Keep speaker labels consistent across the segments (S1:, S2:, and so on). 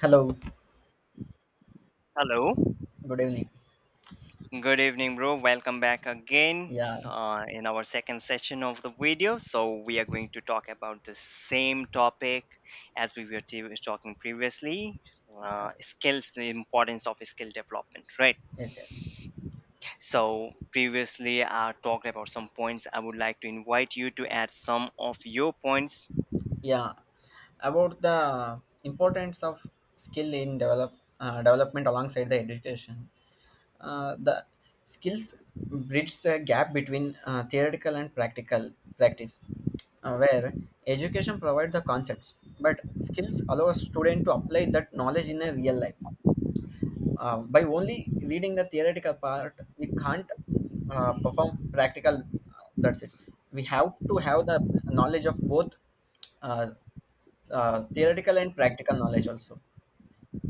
S1: Hello,
S2: Hello.
S1: good evening.
S2: Good evening, bro. Welcome back again
S1: Yeah,
S2: in our second session of the video. So, we are going to talk about the same topic as we were talking previously,
S1: yeah,
S2: skills, the importance of skill development, right?
S1: yes, yes.
S2: So, previously, I talked about some points. I would like to invite you to add some of your points.
S1: Yeah, about the importance of skill in development alongside the education. The skills bridge the gap between theoretical and practical practice, where education provides the concepts, but skills allow a student to apply that knowledge in a real life. By only reading the theoretical part, we can't perform practical. That's it. We have to have the knowledge of both uh, theoretical and practical knowledge also,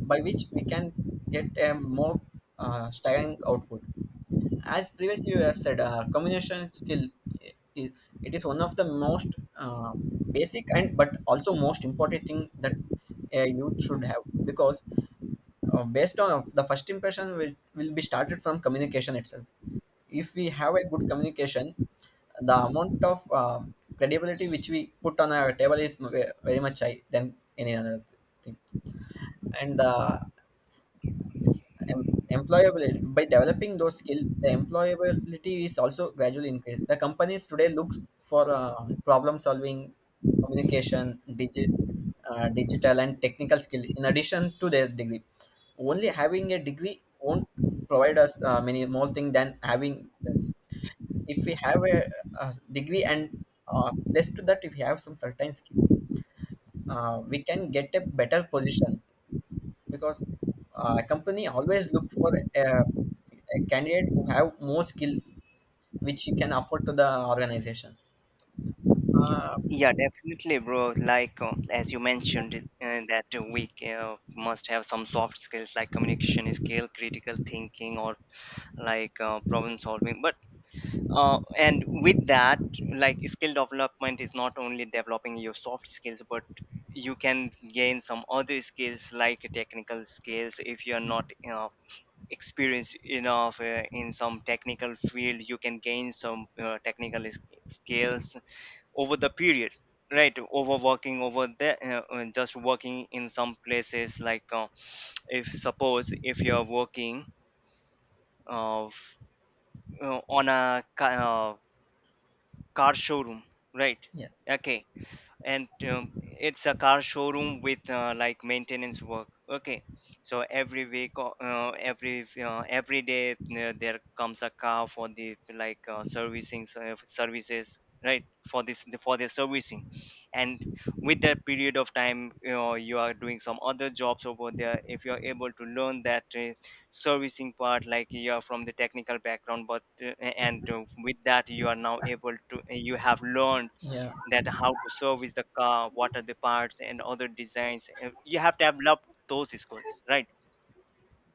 S1: by which we can get a more strong output. As previously you have said, communication skill i- i- it is one of the most basic and but also most important thing that a youth should have because based on the first impression will be started from communication itself. If we have a good communication, the amount of credibility which we put on our table is very much high than any other thing. And the sk- em- employability, by developing those skills the employability is also gradually increased. The companies today look for problem solving, communication, digital and technical skill in addition to their degree. Only having a degree won't provide us many more things than having this. If we have a degree and plus to that if we have some certain skill, we can get a better position, because company always look for a candidate who have more skill which you can afford to the organization uh,
S2: Yeah, definitely, bro. Like, as you mentioned, that we must have some soft skills like communication skill, critical thinking, or like problem solving, but and with that, like, skill development is not only developing your soft skills, but you can gain some other skills like technical skills if you're
S1: yeah,
S2: not you experienced enough in some technical field. You can gain some technical skills over the period, right? Over working over there, just working in some places like, if suppose if you're working, uh, on a car showroom, right?
S1: yes,
S2: Okay, and it's a car showroom with, like, maintenance work. Okay, so every week every day, there comes a car for the, like, servicing services, right? For this for their servicing. And with that period of time, you know, you are doing some other jobs over there. If you are able to learn that, servicing part, like, you are from the technical background, but and with that you are now able to, you have learned
S1: yeah,
S2: that, how to service the car, what are the parts and other designs. You have to develop those skills, right?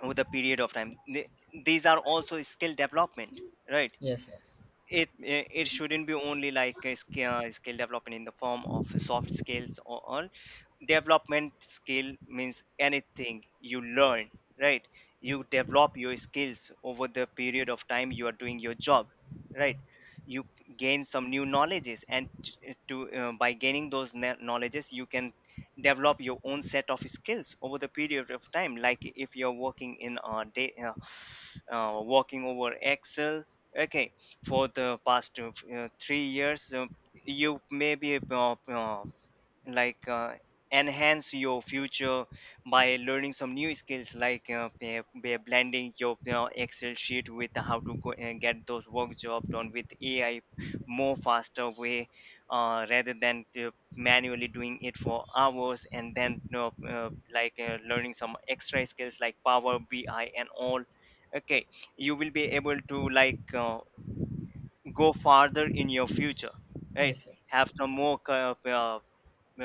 S2: With a period of time, these are also skill development, right?
S1: yes, yes,
S2: It shouldn't be only like a skill, skill development in the form of soft skills or all. Development skill means anything you learn, right? You develop your skills over the period of time you are doing your job, right? You gain some new knowledges and t- eh, to by gaining those knowledges you can develop your own set of skills over the period of time. Like, if you're working in a day, working over Excel, okay, for the past 3 years, you may be, like uh, enhance your future by learning some new skills like, by blending your, you know, Excel sheet with how to go and get those work job done with AI, more faster way, rather than to manually doing it for hours, and then, you know, learning some extra skills like Power BI and all. Okay, you will be able to, like, go farther in your future, right?
S1: yes,
S2: Have some more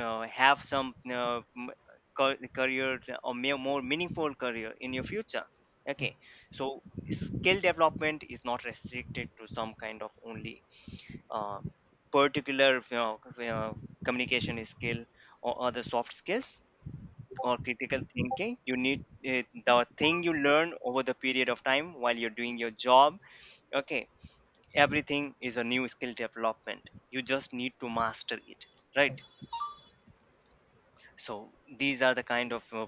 S2: have some m- ca- career, or more meaningful career in your future. Okay, so skill development is not restricted to some kind of only, uh, particular, you know, communication skill, or other soft skills, or critical thinking. You need, the thing you learn over the period of time while you're doing your job. Okay, everything is a new skill development. You just need to master it, right?
S1: yes,
S2: So these are the kind of, uh,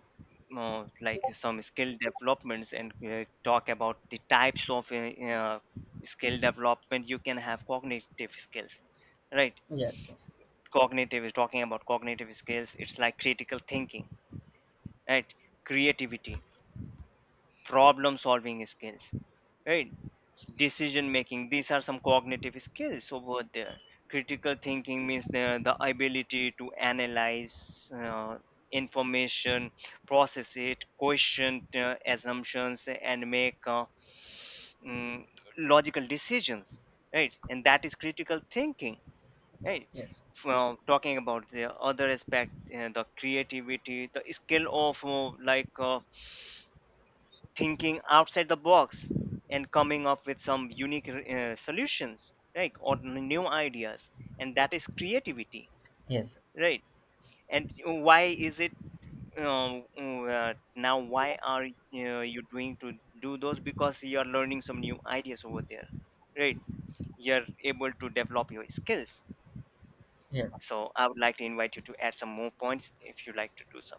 S2: uh, like, some skill developments. And talk about the types of, skill development, you can have cognitive skills, right?
S1: yes, yes,
S2: Cognitive is, talking about cognitive skills, it's like critical thinking, right? Creativity, problem solving skills, right? Decision making. These are some cognitive skills over there. Critical thinking means the ability to analyze, information, process it, question, assumptions, and make, mm, logical decisions, right? And that is critical thinking, right?
S1: yes,
S2: From talking about the other aspect, the creativity, the skill of, thinking outside the box, and coming up with some unique, solutions, right? Or new ideas. And that is creativity,
S1: yes,
S2: right? And why is it, now why are, you doing to do those? Because you are learning some new ideas over there, right? You're able to develop your skills.
S1: yes.
S2: So I would like to invite you to add some more points if you like to do some.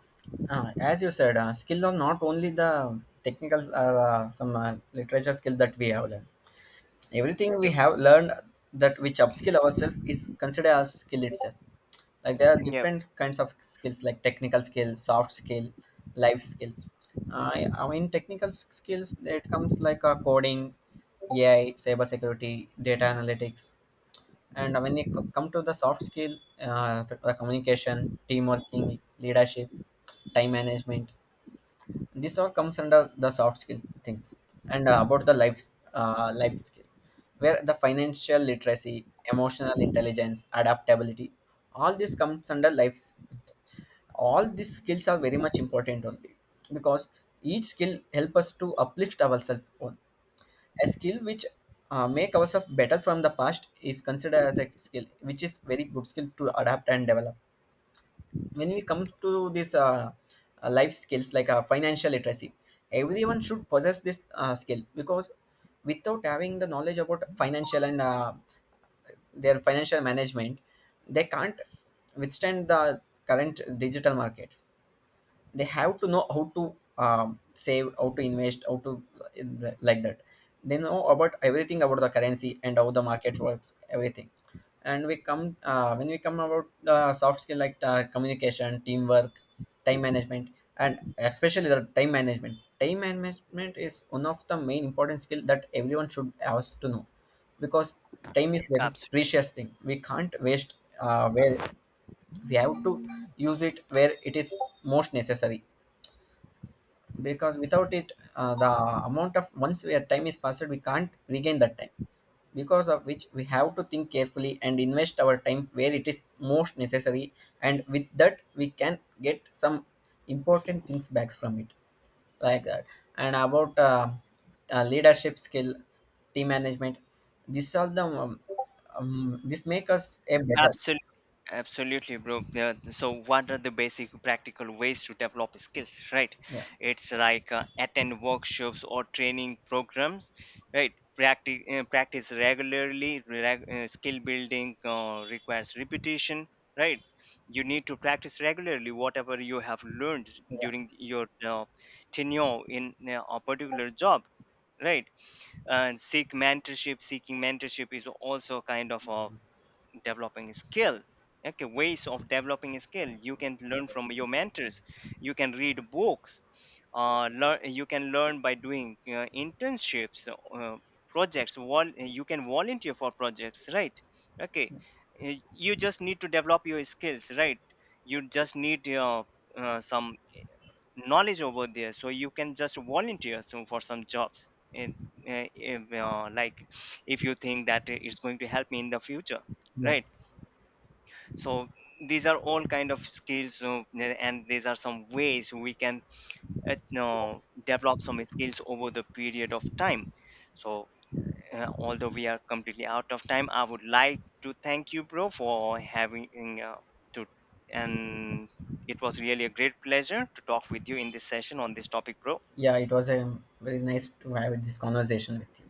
S1: As you said, skill are not only the technical or some literature skill that we have learned. Everything we
S2: Yep,
S1: have learned that which upskill ourselves is considered as skill itself. Like there are
S2: yep,
S1: different kinds of skills, like technical skill, soft skill, life skills. I mean technical skills, it comes like coding, AI, cyber security, data analytics. And when you come to the soft skill, the communication, team working, leadership, time management, this all comes under the soft skill things. And about the life skill, where the financial literacy, emotional intelligence, adaptability, all this comes under life. All these skills are very much important only, because each skill help us to uplift ourselves. On a skill which make ourselves better from the past is considered as a skill which is very good skill to adapt and develop. When we come to this, life skills like financial literacy, everyone should possess this skill, because without having the knowledge about financial and their financial management, they can't withstand the current digital markets. They have to know how to save, how to invest, how to, like that, they know about everything about the currency and how the market works, everything. And we come, when we come about soft skill like communication, teamwork, time management, and especially the time management, time management is one of the main important skill that everyone should has to know, because time is very
S2: absolutely.
S1: precious thing. We can't waste, where we have to use it where it is most necessary, because without it, the amount of, once where time is passed, we can't regain that time, because of which we have to think carefully and invest our time where it is most necessary. And with that we can get some important things back from it, like that. And about leadership skill, team management, this all the this make us a better.
S2: Absolutely, absolutely, bro. Yeah, so, what are the basic practical ways to develop skills, right?
S1: Yeah,
S2: It's like, attend workshops or training programs, right? Practice, practice regularly. Skill building requires repetition, right? You need to practice regularly whatever you have learned
S1: yeah,
S2: during your, tenure in, a particular job, right? And seek mentorship. Seeking mentorship is also kind of a developing skill. Okay, ways of developing skill, you can learn from your mentors, you can read books, learn you can learn by doing, internships, projects, you can volunteer for projects, right? Okay.
S1: yes,
S2: Uh, you just need to develop your skills, right? You just need, some knowledge over there, so you can just volunteer so for some jobs. And, uh, if, like, if you think that it's going to help me in the future, right?
S1: yes,
S2: So these are all kind of skills, and these are some ways we can, develop some skills over the period of time. So, although we are completely out of time, I would like to thank you, bro, for having, uh, to and it was really a great pleasure to talk with you in this session on this topic, bro.
S1: yeah, it was a very nice to have this conversation with you.